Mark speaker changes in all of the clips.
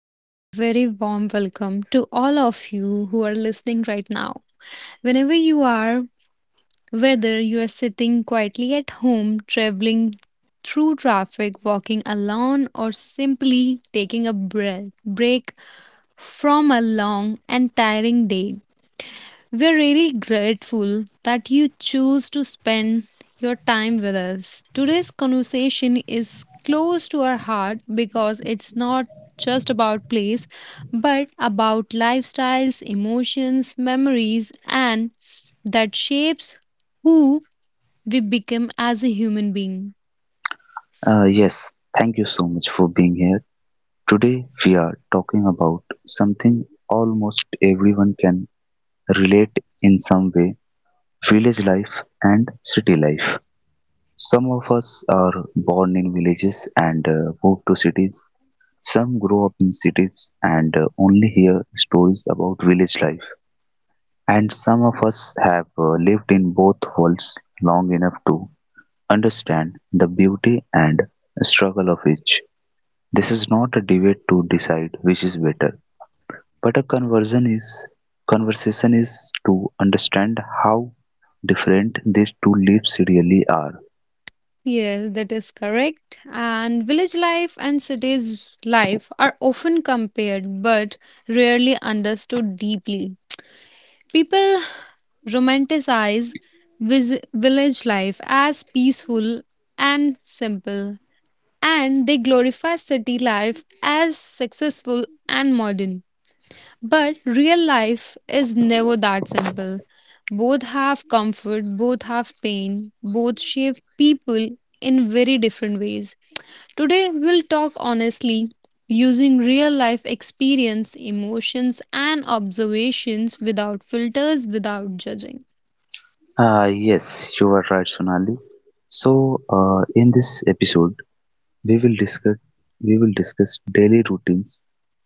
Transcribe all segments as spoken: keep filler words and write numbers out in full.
Speaker 1: and a very warm welcome to all of you who are listening right now. Whenever you are, whether you are sitting quietly at home, traveling through traffic, walking alone, or simply taking a breath, break from a long and tiring day, we're really grateful that you choose to spend your time with us. Today's conversation is close to our heart because it's not just about place, but about lifestyles, emotions, memories, and that shapes who we become as a human being.
Speaker 2: Uh, yes, Thank you so much for being here. Today we are talking about something almost everyone can relate in some way village life and city life. Some of us are born in villages and uh, move to cities. Some grow up in cities and uh, only hear stories about village life. And some of us have uh, lived in both worlds long enough to understand the beauty and struggle of each. This is not a debate to decide which is better, but a conversion is conversation is to understand how different these two leaves really are.
Speaker 1: Yes, that is correct. And village life and cities life are often compared but rarely understood deeply. People romanticize vis- village life as peaceful and simple, and they glorify city life as successful and modern. But real life is never that simple. Both have comfort, both have pain, both shape people in very different ways. Today, we'll talk honestly using real life experience, emotions, and observations without filters, without judging.
Speaker 2: Ah, yes, you are right, Sonali. So, uh, in this episode, we will discuss we will discuss daily routines,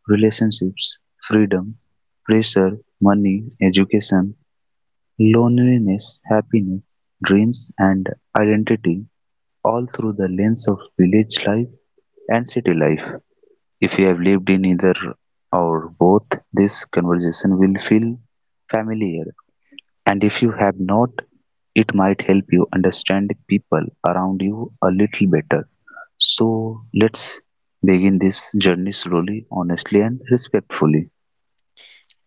Speaker 2: relationships, freedom, pressure, money, education, loneliness, happiness, dreams, and identity, all through the lens of village life and city life. If you have lived in either or both, this conversation will feel familiar. And if you have not, it might help you understand people around you a little better. So let's begin this journey slowly, honestly, and respectfully.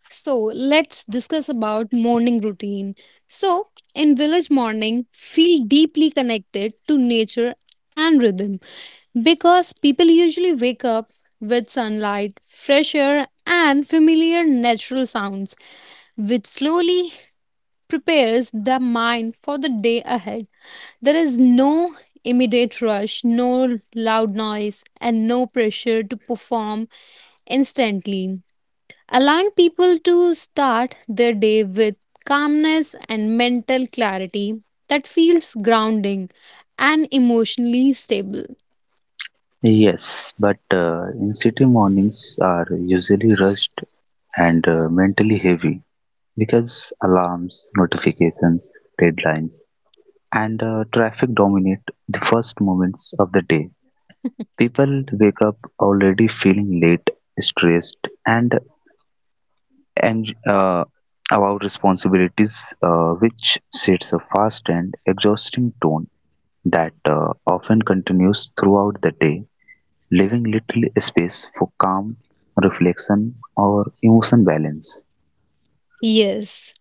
Speaker 1: So, let's discuss about morning routine. So, in village morning, feel deeply connected to nature and rhythm because people usually wake up with sunlight, fresh air, and familiar natural sounds, which slowly prepares the mind for the day ahead. There is no immediate rush, no loud noise, and no pressure to perform instantly, allowing people to start their day with calmness and mental clarity that feels grounding and emotionally stable.
Speaker 2: Yes, but uh, in city mornings are usually rushed and uh, mentally heavy because alarms, notifications, deadlines, and uh, traffic dominate the first moments of the day. People wake up already feeling late, stressed, and ang- uh, about responsibilities, uh, which sets a fast and exhausting tone that uh, often continues throughout the day, leaving little space for calm reflection or emotion balance.
Speaker 1: Yes,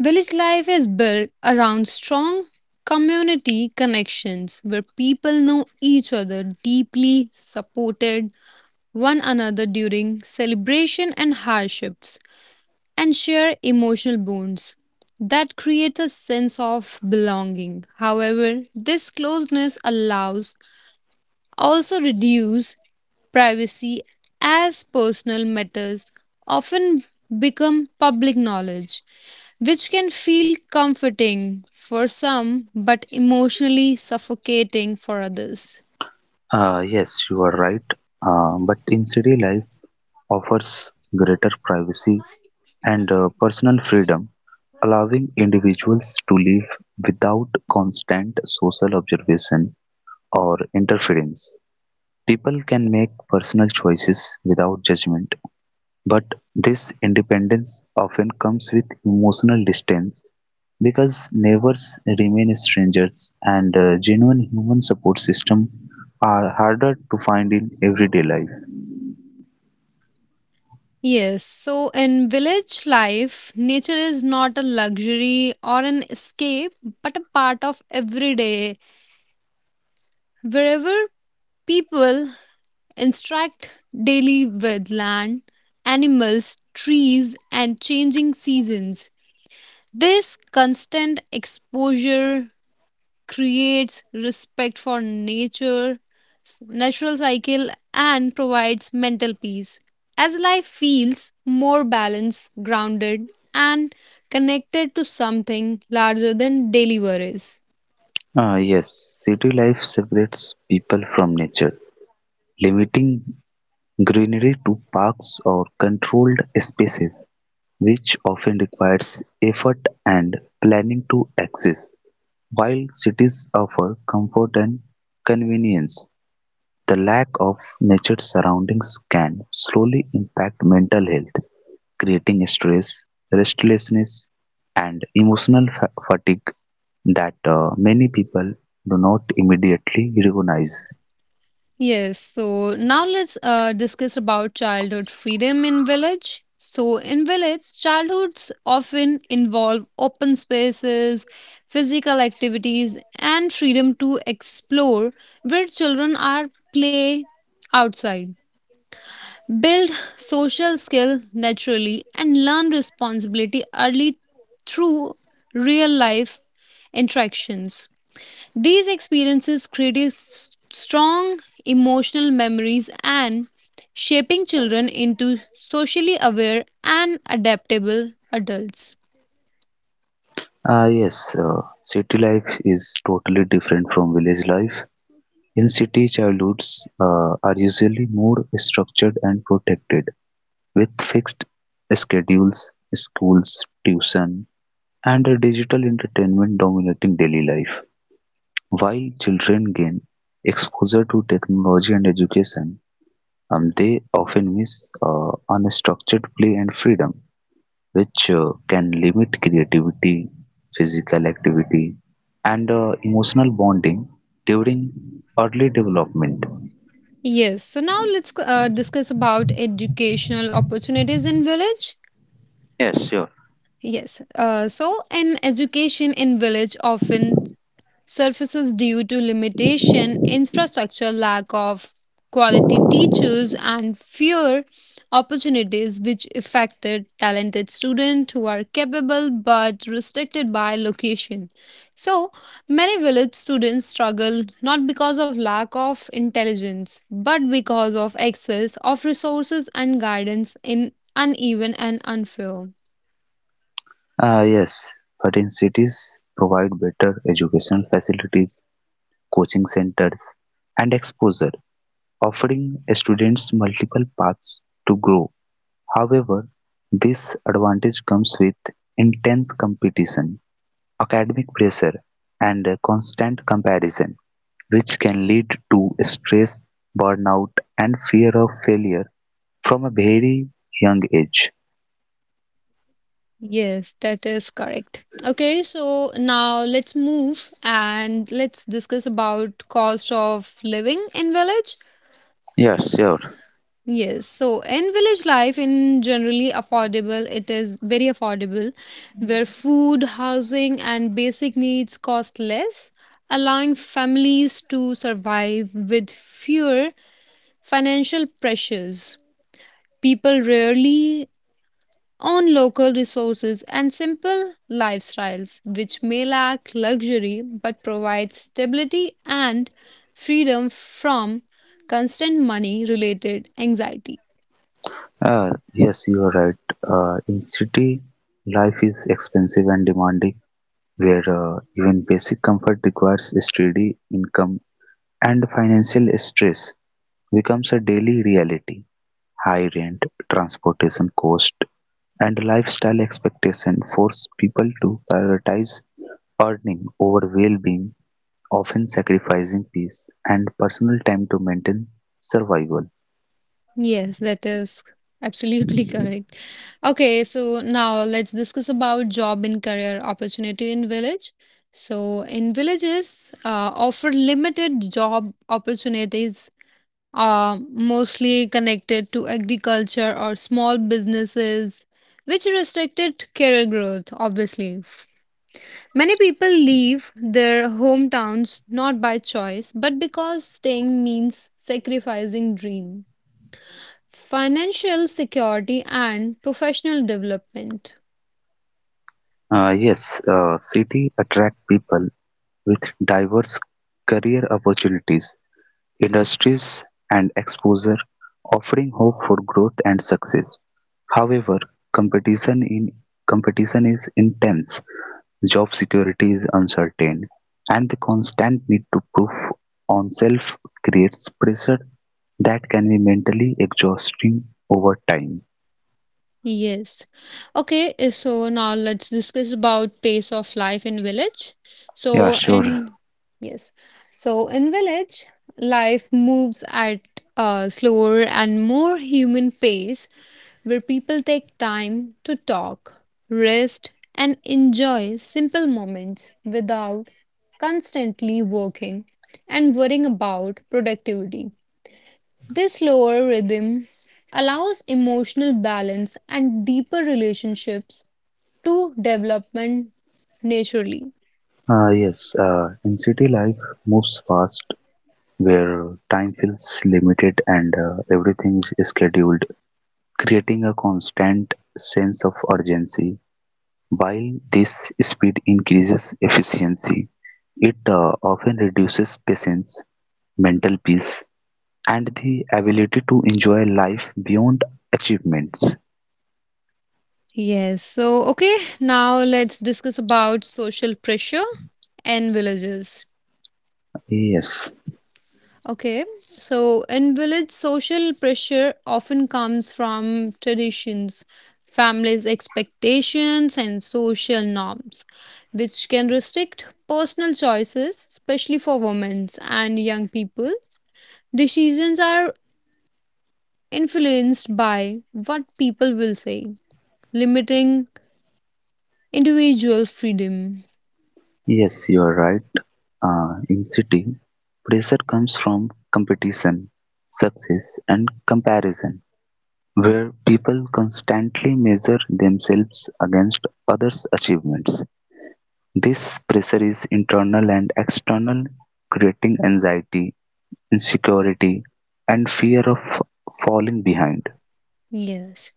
Speaker 1: village life is built around strong community connections where people know each other deeply supported one another during celebration and hardships and share emotional bonds that create a sense of belonging. However, this closeness allows also reduce privacy as personal matters often become public knowledge, which can feel comforting for some but emotionally suffocating for others.
Speaker 2: Uh, yes, you are right, uh, but in city life offers greater privacy and uh, personal freedom, allowing individuals to live without constant social observation or interference. People can make personal choices without judgment, but this independence often comes with emotional distance because neighbors remain strangers and uh, genuine human support systems are harder to find in everyday life.
Speaker 1: Yes, so in village life, nature is not a luxury or an escape, but a part of everyday. Wherever people interact daily with land, animals, trees, and changing seasons, this constant exposure creates respect for nature, s- natural cycle, and provides mental peace. As life feels more balanced, grounded, and connected to something larger than daily worries.
Speaker 2: Ah yes, city life separates people from nature, limiting greenery to parks or controlled spaces, which often requires effort and planning to access. While cities offer comfort and convenience, the lack of natured surroundings can slowly impact mental health, creating stress, restlessness, and emotional fa- fatigue that uh, many people do not immediately recognize.
Speaker 1: Yes, so now let's uh, discuss about childhood freedom in village. So in village, childhoods often involve open spaces, physical activities, and freedom to explore where children are play outside. Build social skill naturally and learn responsibility early through real life interactions. These experiences create strong emotional memories and shaping children into socially aware and adaptable adults.
Speaker 2: Ah yes, uh, city life is totally different from village life. In city, childhoods uh, are usually more structured and protected, with fixed schedules, schools, tuition, and a digital entertainment dominating daily life. While children gain exposure to technology and education, um, they often miss uh, unstructured play and freedom which uh, can limit creativity, physical activity, and uh, emotional bonding during early development.
Speaker 1: Yes, so now let's uh, discuss about educational opportunities in village.
Speaker 2: Yes, sure.
Speaker 1: Yes, uh, so an education in village often surfaces due to limitation, infrastructure, lack of quality teachers, and fewer opportunities, which affected talented students who are capable but restricted by location. So, many village students struggle not because of lack of intelligence, but because of excess of resources and guidance in uneven and unfair.
Speaker 2: Ah, yes, but in cities provide better educational facilities, coaching centers, and exposure, offering students multiple paths to grow. However, this advantage comes with intense competition, academic pressure, and constant comparison, which can lead to stress, burnout, and fear of failure from a very young age.
Speaker 1: Yes, that is correct. Okay, so now let's move and let's discuss about cost of living in village.
Speaker 2: Yes, sure.
Speaker 1: Yes, so in village life in generally affordable, it is very affordable where food, housing and basic needs cost less, allowing families to survive with fewer financial pressures. People rarely on local resources and simple lifestyles, which may lack luxury but provide stability and freedom from constant money related anxiety.
Speaker 2: Uh, yes, you are right. Uh, in city, life is expensive and demanding, where uh, even basic comfort requires steady income and financial stress becomes a daily reality. High rent, transportation cost, and lifestyle expectation force people to prioritize earning over well-being often sacrificing peace and personal time to maintain survival.
Speaker 1: Yes, that is absolutely correct. Okay, so now let's discuss about job and career opportunity in village. So, in villages, uh, offer limited job opportunities are mostly connected to agriculture or small businesses, which restricted career growth, obviously. Many people leave their hometowns not by choice, but because staying means sacrificing dream, financial security, and professional development.
Speaker 2: Uh, yes, uh, city attract people with diverse career opportunities, industries, and exposure, offering hope for growth and success. However, competition in competition is intense, job security is uncertain, and the constant need to prove on self creates pressure that can be mentally exhausting over time.
Speaker 1: Yes. Okay, uh, so now let's discuss about pace of life in village.
Speaker 2: Yeah,
Speaker 1: So
Speaker 2: sure.
Speaker 1: in yes. So in village, life moves at a slower and more human pace where people take time to talk, rest, and enjoy simple moments without constantly working and worrying about productivity. This slower rhythm allows emotional balance and deeper relationships to development naturally.
Speaker 2: Uh, yes, uh, in city life moves fast where time feels limited and uh, everything is scheduled, creating a constant sense of urgency. While this speed increases efficiency, it uh, often reduces patience, mental peace, and the ability to enjoy life beyond achievements.
Speaker 1: Yes, so okay, now let's discuss about social pressure and villages.
Speaker 2: Yes.
Speaker 1: Okay, so in village, social pressure often comes from traditions, families' expectations, and social norms, which can restrict personal choices, especially for women and young people. Decisions are influenced by what people will say, limiting individual freedom.
Speaker 2: Yes, you are right. Uh, in city, pressure comes from competition, success, and comparison, where people constantly measure themselves against others' achievements. This pressure is internal and external, creating anxiety, insecurity, and fear of falling behind.
Speaker 1: Yes.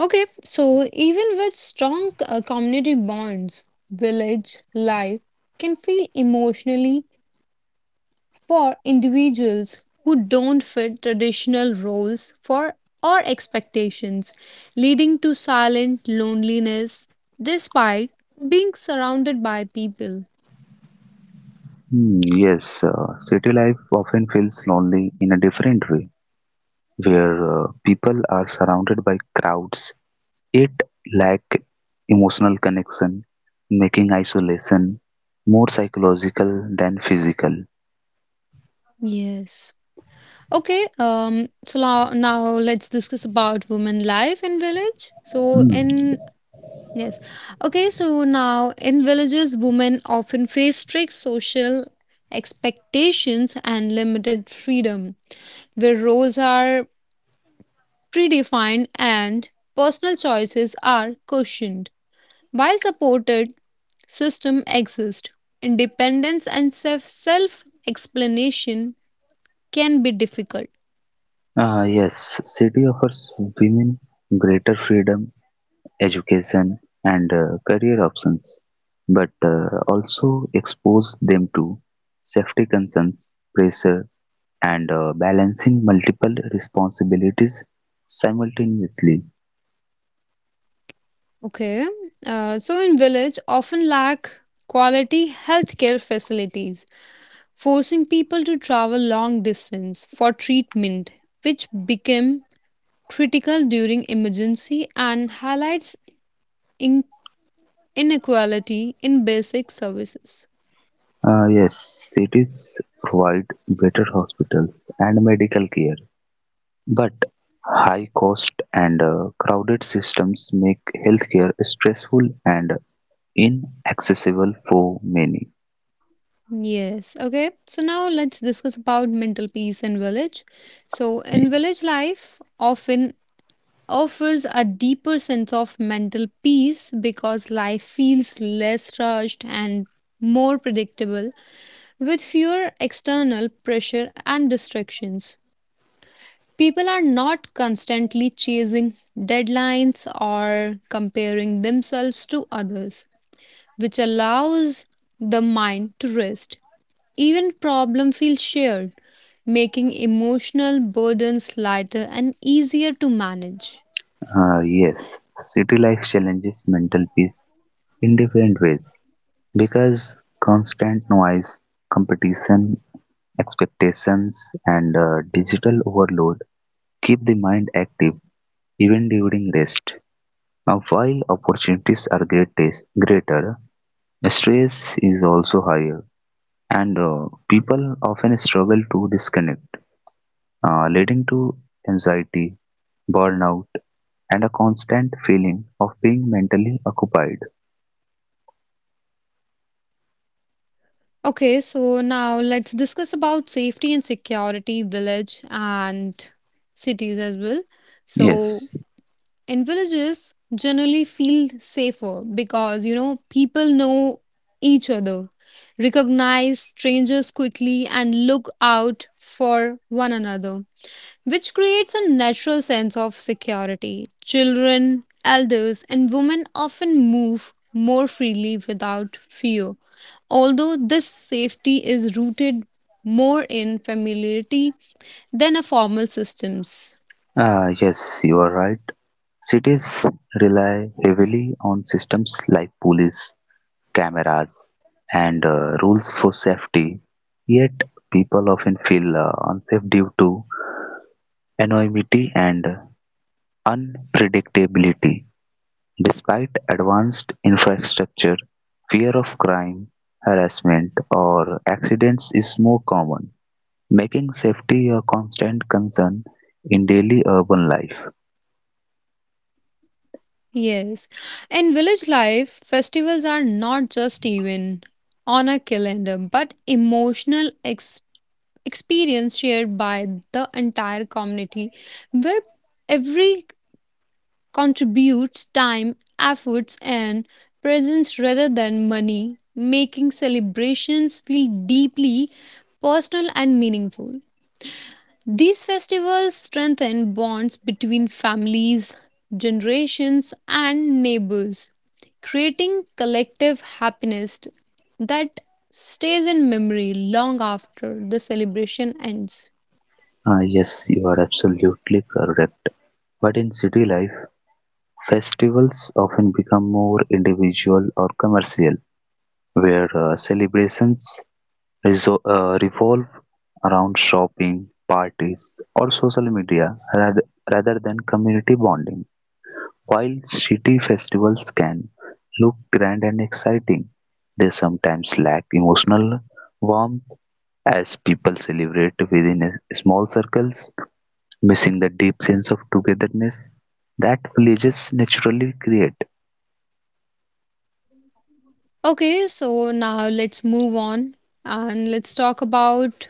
Speaker 1: Okay, so even with strong uh, community bonds, village life can feel emotionally for individuals who don't fit traditional roles for or expectations, leading to silent loneliness despite being surrounded by people.
Speaker 2: Hmm, yes, uh, city life often feels lonely in a different way, where uh, people are surrounded by crowds, it lacked emotional connection, making isolation more psychological than physical.
Speaker 1: Yes. Okay, um, so now, now let's discuss about women life in village. So
Speaker 2: Hmm.
Speaker 1: in yes, okay, so now in villages, women often face strict social expectations and limited freedom, where roles are predefined and personal choices are cushioned. While supported system exist, independence and self self explanation can be difficult.
Speaker 2: Ah yes, city offers women greater freedom, education, and uh, career options, but uh, also expose them to safety concerns, pressure, and uh, balancing multiple responsibilities simultaneously.
Speaker 1: Okay. Uh, so in village often lack quality healthcare facilities, forcing people to travel long distance for treatment, which became critical during emergency and highlights in- inequality in basic services.
Speaker 2: Uh, yes, cities provide better hospitals and medical care, but high cost and uh, crowded systems make healthcare stressful and inaccessible for many.
Speaker 1: Yes, okay. So now let's discuss about mental peace in village. So in village life, often offers a deeper sense of mental peace because life feels less rushed and more predictable with fewer external pressure and distractions. People are not constantly chasing deadlines or comparing themselves to others, which allows the mind to rest. Even problem feel shared, making emotional burdens lighter and easier to manage.
Speaker 2: Uh, yes, city life challenges mental peace in different ways because constant noise, competition, expectations, and uh, digital overload keep the mind active even during rest. Uh, While opportunities are greatest, greater, stress is also higher, and uh, people often struggle to disconnect, uh, leading to anxiety, burnout, and a constant feeling of being mentally occupied.
Speaker 1: Okay, so now let's discuss about safety and security village and cities as well. So
Speaker 2: Yes,
Speaker 1: in villages generally feel safer because you know people know each other, recognize strangers quickly and look out for one another which creates a natural sense of security. Children, elders, and women often move more freely without fear, although this safety is rooted more in familiarity than a formal systems.
Speaker 2: uh, yes, you are right. Cities rely heavily on systems like police, cameras, and uh, rules for safety, yet people often feel uh, unsafe due to anonymity and unpredictability. Despite advanced infrastructure, fear of crime, harassment, or accidents is more common, making safety a constant concern in daily urban life.
Speaker 1: Yes, in village life, festivals are not just even on a calendar but emotional ex- experience shared by the entire community where every contributes time, efforts, and presence rather than money, making celebrations feel deeply personal and meaningful. These festivals strengthen bonds between families, generations, and neighbors, creating collective happiness that stays in memory long after the celebration ends.
Speaker 2: Ah, yes, you are absolutely correct. But in city life, festivals often become more individual or commercial, where uh, celebrations reso- uh, revolve around shopping, parties, or social media rather, rather than community bonding. While city festivals can look grand and exciting, they sometimes lack emotional warmth as people celebrate within a- small circles, missing the deep sense of togetherness that villages naturally create.
Speaker 1: Okay, so now let's move on and let's talk about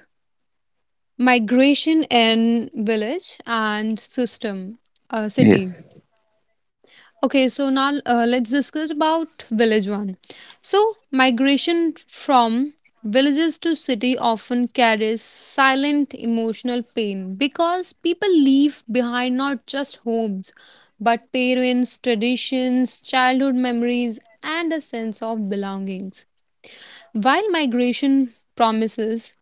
Speaker 1: migration in village and system uh, city.
Speaker 2: Yes.
Speaker 1: Okay so now uh, let's discuss about village one. So migration from villages to city often carries silent emotional pain because people leave behind not just homes but parents traditions childhood memories and a sense of belongings. While migration promises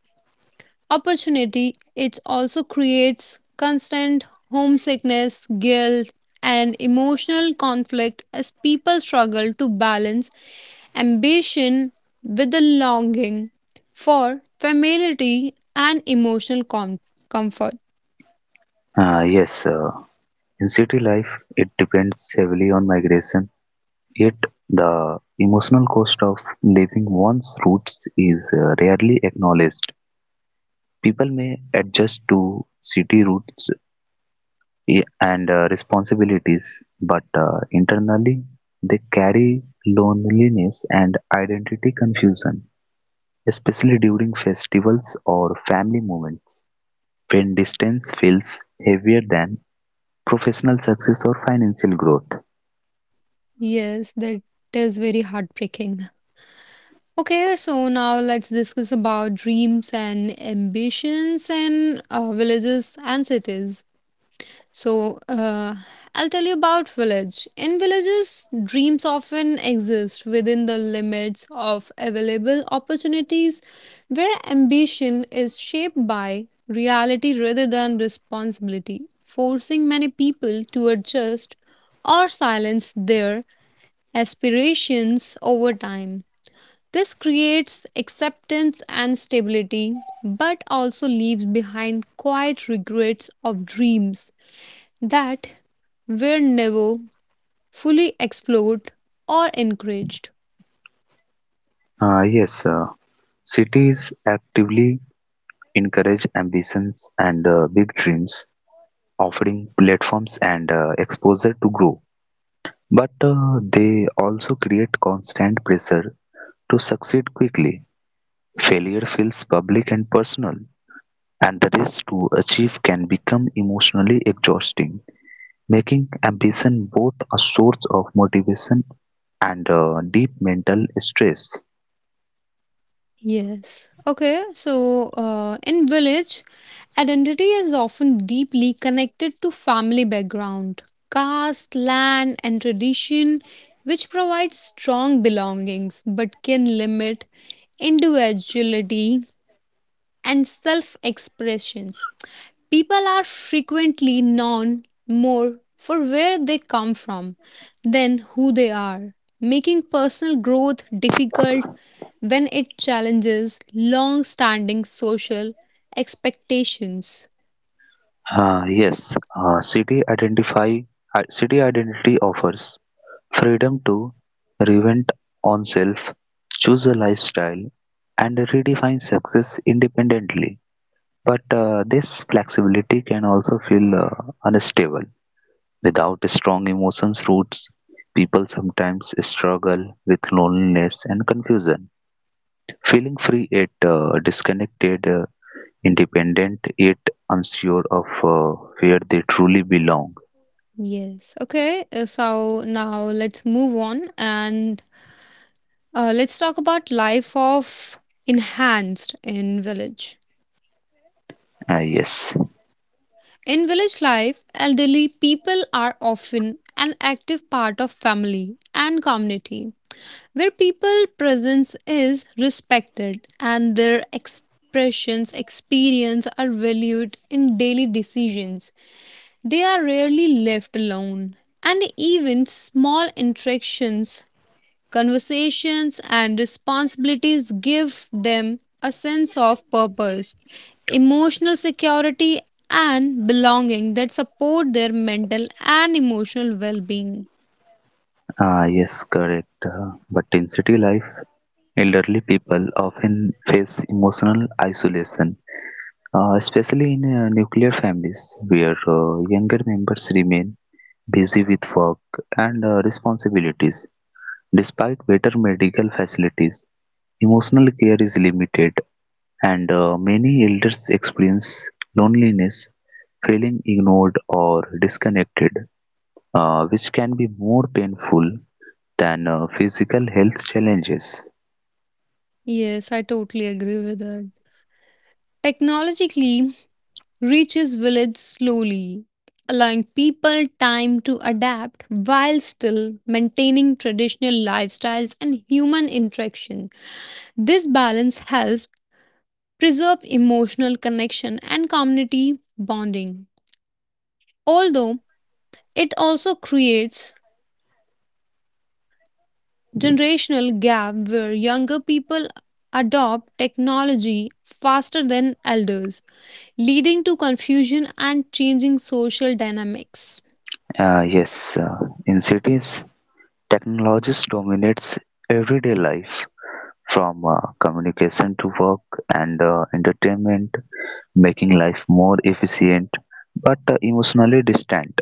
Speaker 1: opportunity, it also creates constant homesickness, guilt, and emotional conflict as people struggle to balance ambition with the longing for familiarity and emotional com- comfort.
Speaker 2: Uh, yes, uh, in city life, it depends heavily on migration yet the emotional cost of leaving one's roots is uh, rarely acknowledged. People may adjust to city routes i- and uh, responsibilities, but uh, internally they carry loneliness and identity confusion, especially during festivals or family moments when distance feels heavier than professional success or financial growth.
Speaker 1: Yes, that is very heartbreaking. Okay, so now let's discuss about dreams and ambitions in uh, villages and cities. So, uh, I'll tell you about village. In villages, dreams often exist within the limits of available opportunities where ambition is shaped by reality rather than responsibility, forcing many people to adjust or silence their aspirations over time. This creates acceptance and stability, but also leaves behind quiet regrets of dreams that were never fully explored or encouraged.
Speaker 2: Uh, yes, uh, cities actively encourage ambitions and uh, big dreams, offering platforms and uh, exposure to grow. But uh, they also create constant pressure to succeed quickly. Failure feels public and personal, and the race to achieve can become emotionally exhausting, making ambition both a source of motivation and uh, deep mental stress.
Speaker 1: Yes. Okay. So, uh, in village, identity is often deeply connected to family background, caste, land, and tradition, which provides strong belongings but can limit individuality and self expressions. People are frequently known more for where they come from than who they are, making personal growth difficult when it challenges long standing social expectations.
Speaker 2: Uh, yes, uh, city identify i- city identity offers freedom to reinvent oneself, choose a lifestyle, and redefine success independently. But uh, this flexibility can also feel uh, unstable. Without strong emotions roots, people sometimes struggle with loneliness and confusion. Feeling free yet uh, disconnected, uh, independent yet unsure of uh, where they truly belong.
Speaker 1: Yes, okay, uh, so now let's move on and uh, let's talk about life of enhanced in village.
Speaker 2: Ah, yes,
Speaker 1: In village life, elderly people are often an active part of family and community, where people presence is respected and their expressions experience are valued in daily decisions. They are rarely left alone and even small interactions conversations, and responsibilities give them a sense of purpose, emotional security, and belonging that support their mental and emotional well being.
Speaker 2: ah, yes, correct. Uh, but in city life, elderly people often face emotional isolation, uh, especially in uh, nuclear families where uh, younger members remain busy with work and uh, responsibilities. Despite better medical facilities, emotional care is limited, and uh, many elders experience loneliness, feeling ignored or disconnected, uh, which can be more painful than uh, physical health challenges.
Speaker 1: Yes, I totally agree with that. Technologically, reaches village slowly, allowing people time to adapt while still maintaining traditional lifestyles and human interaction. This balance helps preserve emotional connection and community bonding. Although it also creates generational gap where younger people adopt technology faster than elders, leading to confusion and changing social dynamics.
Speaker 2: Uh, yes, uh, in cities, technology dominates everyday life from uh, communication to work and uh, entertainment, making life more efficient but uh, emotionally distant.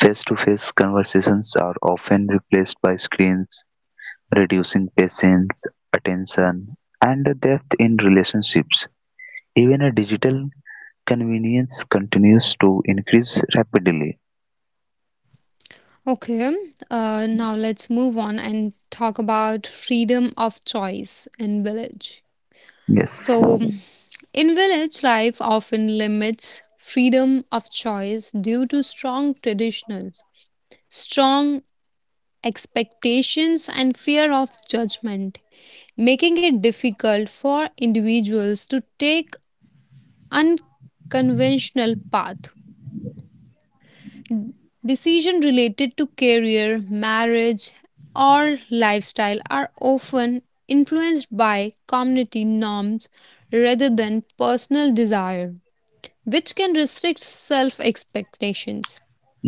Speaker 2: Face to face conversations are often replaced by screens, reducing patience, attention, and depth in relationships. Even a digital convenience continues to increase rapidly.
Speaker 1: Okay, uh, now let's move on and talk about freedom of choice in village.
Speaker 2: Yes.
Speaker 1: So in village, life often limits freedom of choice due to strong traditions, strong expectations, and fear of judgment, making it difficult for individuals to take unconventional path. Decision related to career, marriage, or lifestyle are often influenced by community norms rather than personal desire, which can restrict self expectations.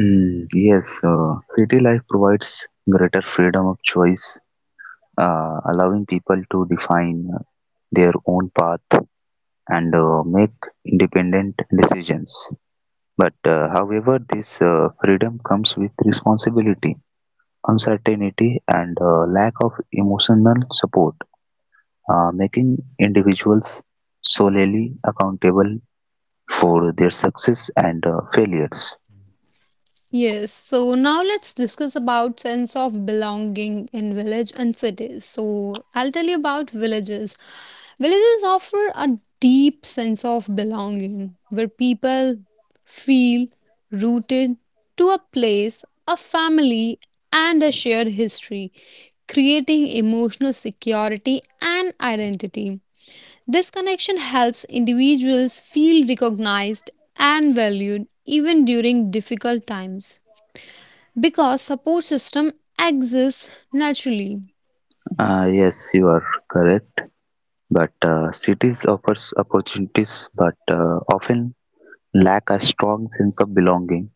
Speaker 2: Mm, yes. Uh, city life provides greater freedom of choice, uh, allowing people to define their own path and uh, make independent decisions. But, uh, however, this uh, freedom comes with responsibility, uncertainty, and uh, lack of emotional support, uh, making individuals solely accountable for their success and uh, failures.
Speaker 1: Yes, so now let's discuss about sense of belonging in village and cities. So I'll tell you about villages. Villages offer a deep sense of belonging where people feel rooted to a place, a family, and a shared history, creating emotional security and identity. This connection helps individuals feel recognized and valued even during difficult times because support system exists naturally.
Speaker 2: Uh, yes, you are correct. But uh, cities offer opportunities but uh, often lack a strong sense of belonging,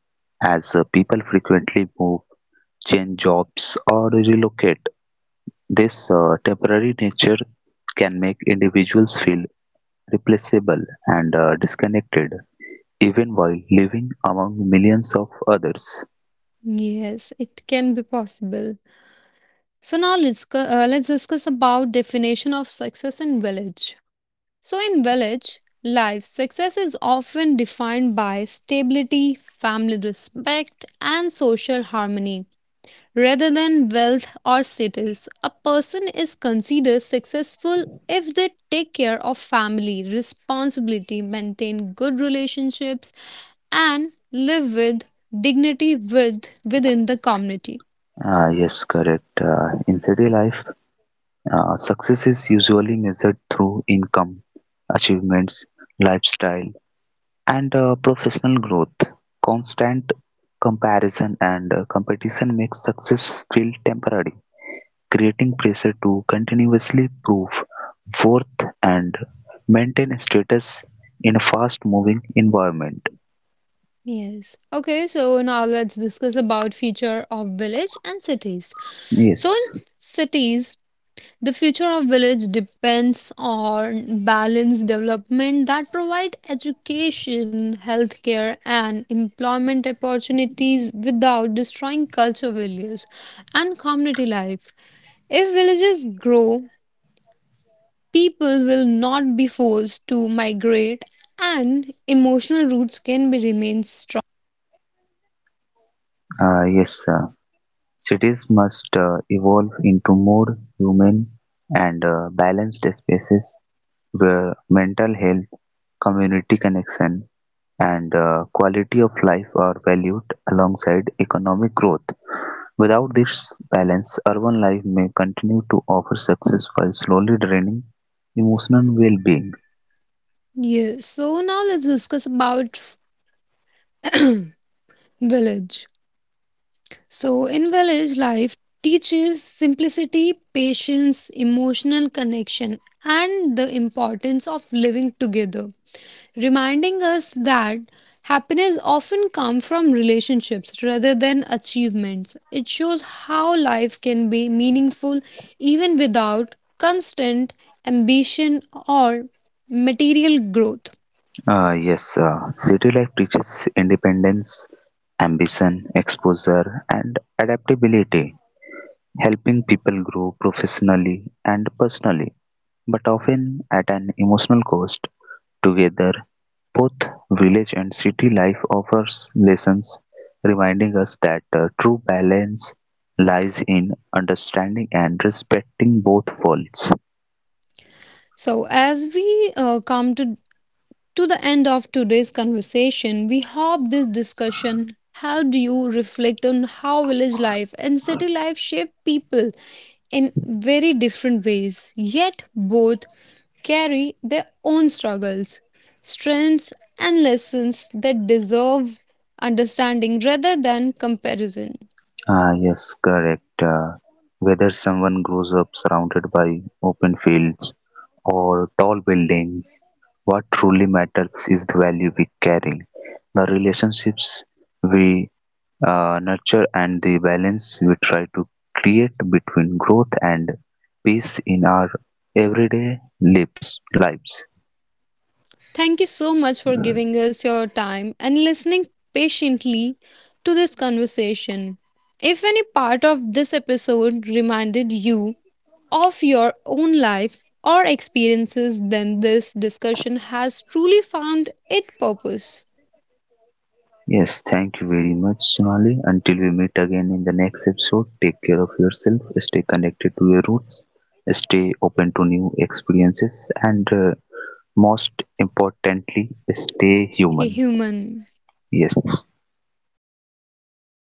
Speaker 2: as uh, people frequently move, change jobs, or relocate. This uh, temporary nature can make individuals feel replaceable and uh, disconnected, even while living among millions of others.
Speaker 1: Yes, it can be possible. So now let's co- uh, let's discuss about definition of success in village. So in village life, success is often defined by stability, family respect, and social harmony, rather than wealth or status. A person is considered successful if they take care of family responsibility, maintain good relationships, and live with dignity with within the community.
Speaker 2: Ah, yes, correct. Uh, in city life, uh, success is usually measured through income, achievements, lifestyle, and uh, professional growth, constant comparison and uh, competition makes success feel temporary, creating pressure to continuously prove worth and maintain status in a fast-moving environment.
Speaker 1: Yes. Okay, so now let's discuss about future of village and cities. So in
Speaker 2: Yes,
Speaker 1: cities, the future of village depends on balanced development that provide education, healthcare and employment opportunities without destroying culture values and community life. If villages grow, people will not be forced to migrate and emotional roots can be remain strong.
Speaker 2: uh, yes. Uh, cities must uh, evolve into more human and uh, balanced spaces where mental health, community connection, and uh, quality of life are valued alongside economic growth. Without this balance, urban life may continue to offer success while slowly draining emotional well being.
Speaker 1: Yes, so now let's discuss about village. So, in village life, teaches simplicity, patience, emotional connection, and the importance of living together, reminding us that happiness often comes from relationships rather than achievements. It shows how life can be meaningful even without constant ambition or material growth.
Speaker 2: Uh, yes, uh, city life teaches independence, ambition, exposure, and adaptability, helping people grow professionally and personally, but often at an emotional cost. Together, both village and city life offers lessons reminding us that the true balance lies in understanding and respecting both worlds.
Speaker 1: So, as we uh, come to to the end of today's conversation. We hope this discussion helped you reflect on how village life and city life shape people in very different ways, yet both carry their own struggles, strengths, and lessons that deserve understanding rather than comparison.
Speaker 2: Ah, yes, correct. Uh, whether someone grows up surrounded by open fields or tall buildings, what truly matters is the value we carry, the relationships we uh, nurture and the balance we try to create between growth and peace in our everyday lives lives
Speaker 1: Thank you so much for giving us your time and listening patiently to this conversation. If any part of this episode reminded you of your own life or experiences, then this discussion has truly found its purpose.
Speaker 2: Yes, thank you very much, Sonali. Until we meet again in the next episode, take care of yourself, stay connected to your roots, stay open to new experiences, and uh, most importantly, stay human.
Speaker 1: Stay human.
Speaker 2: Yes.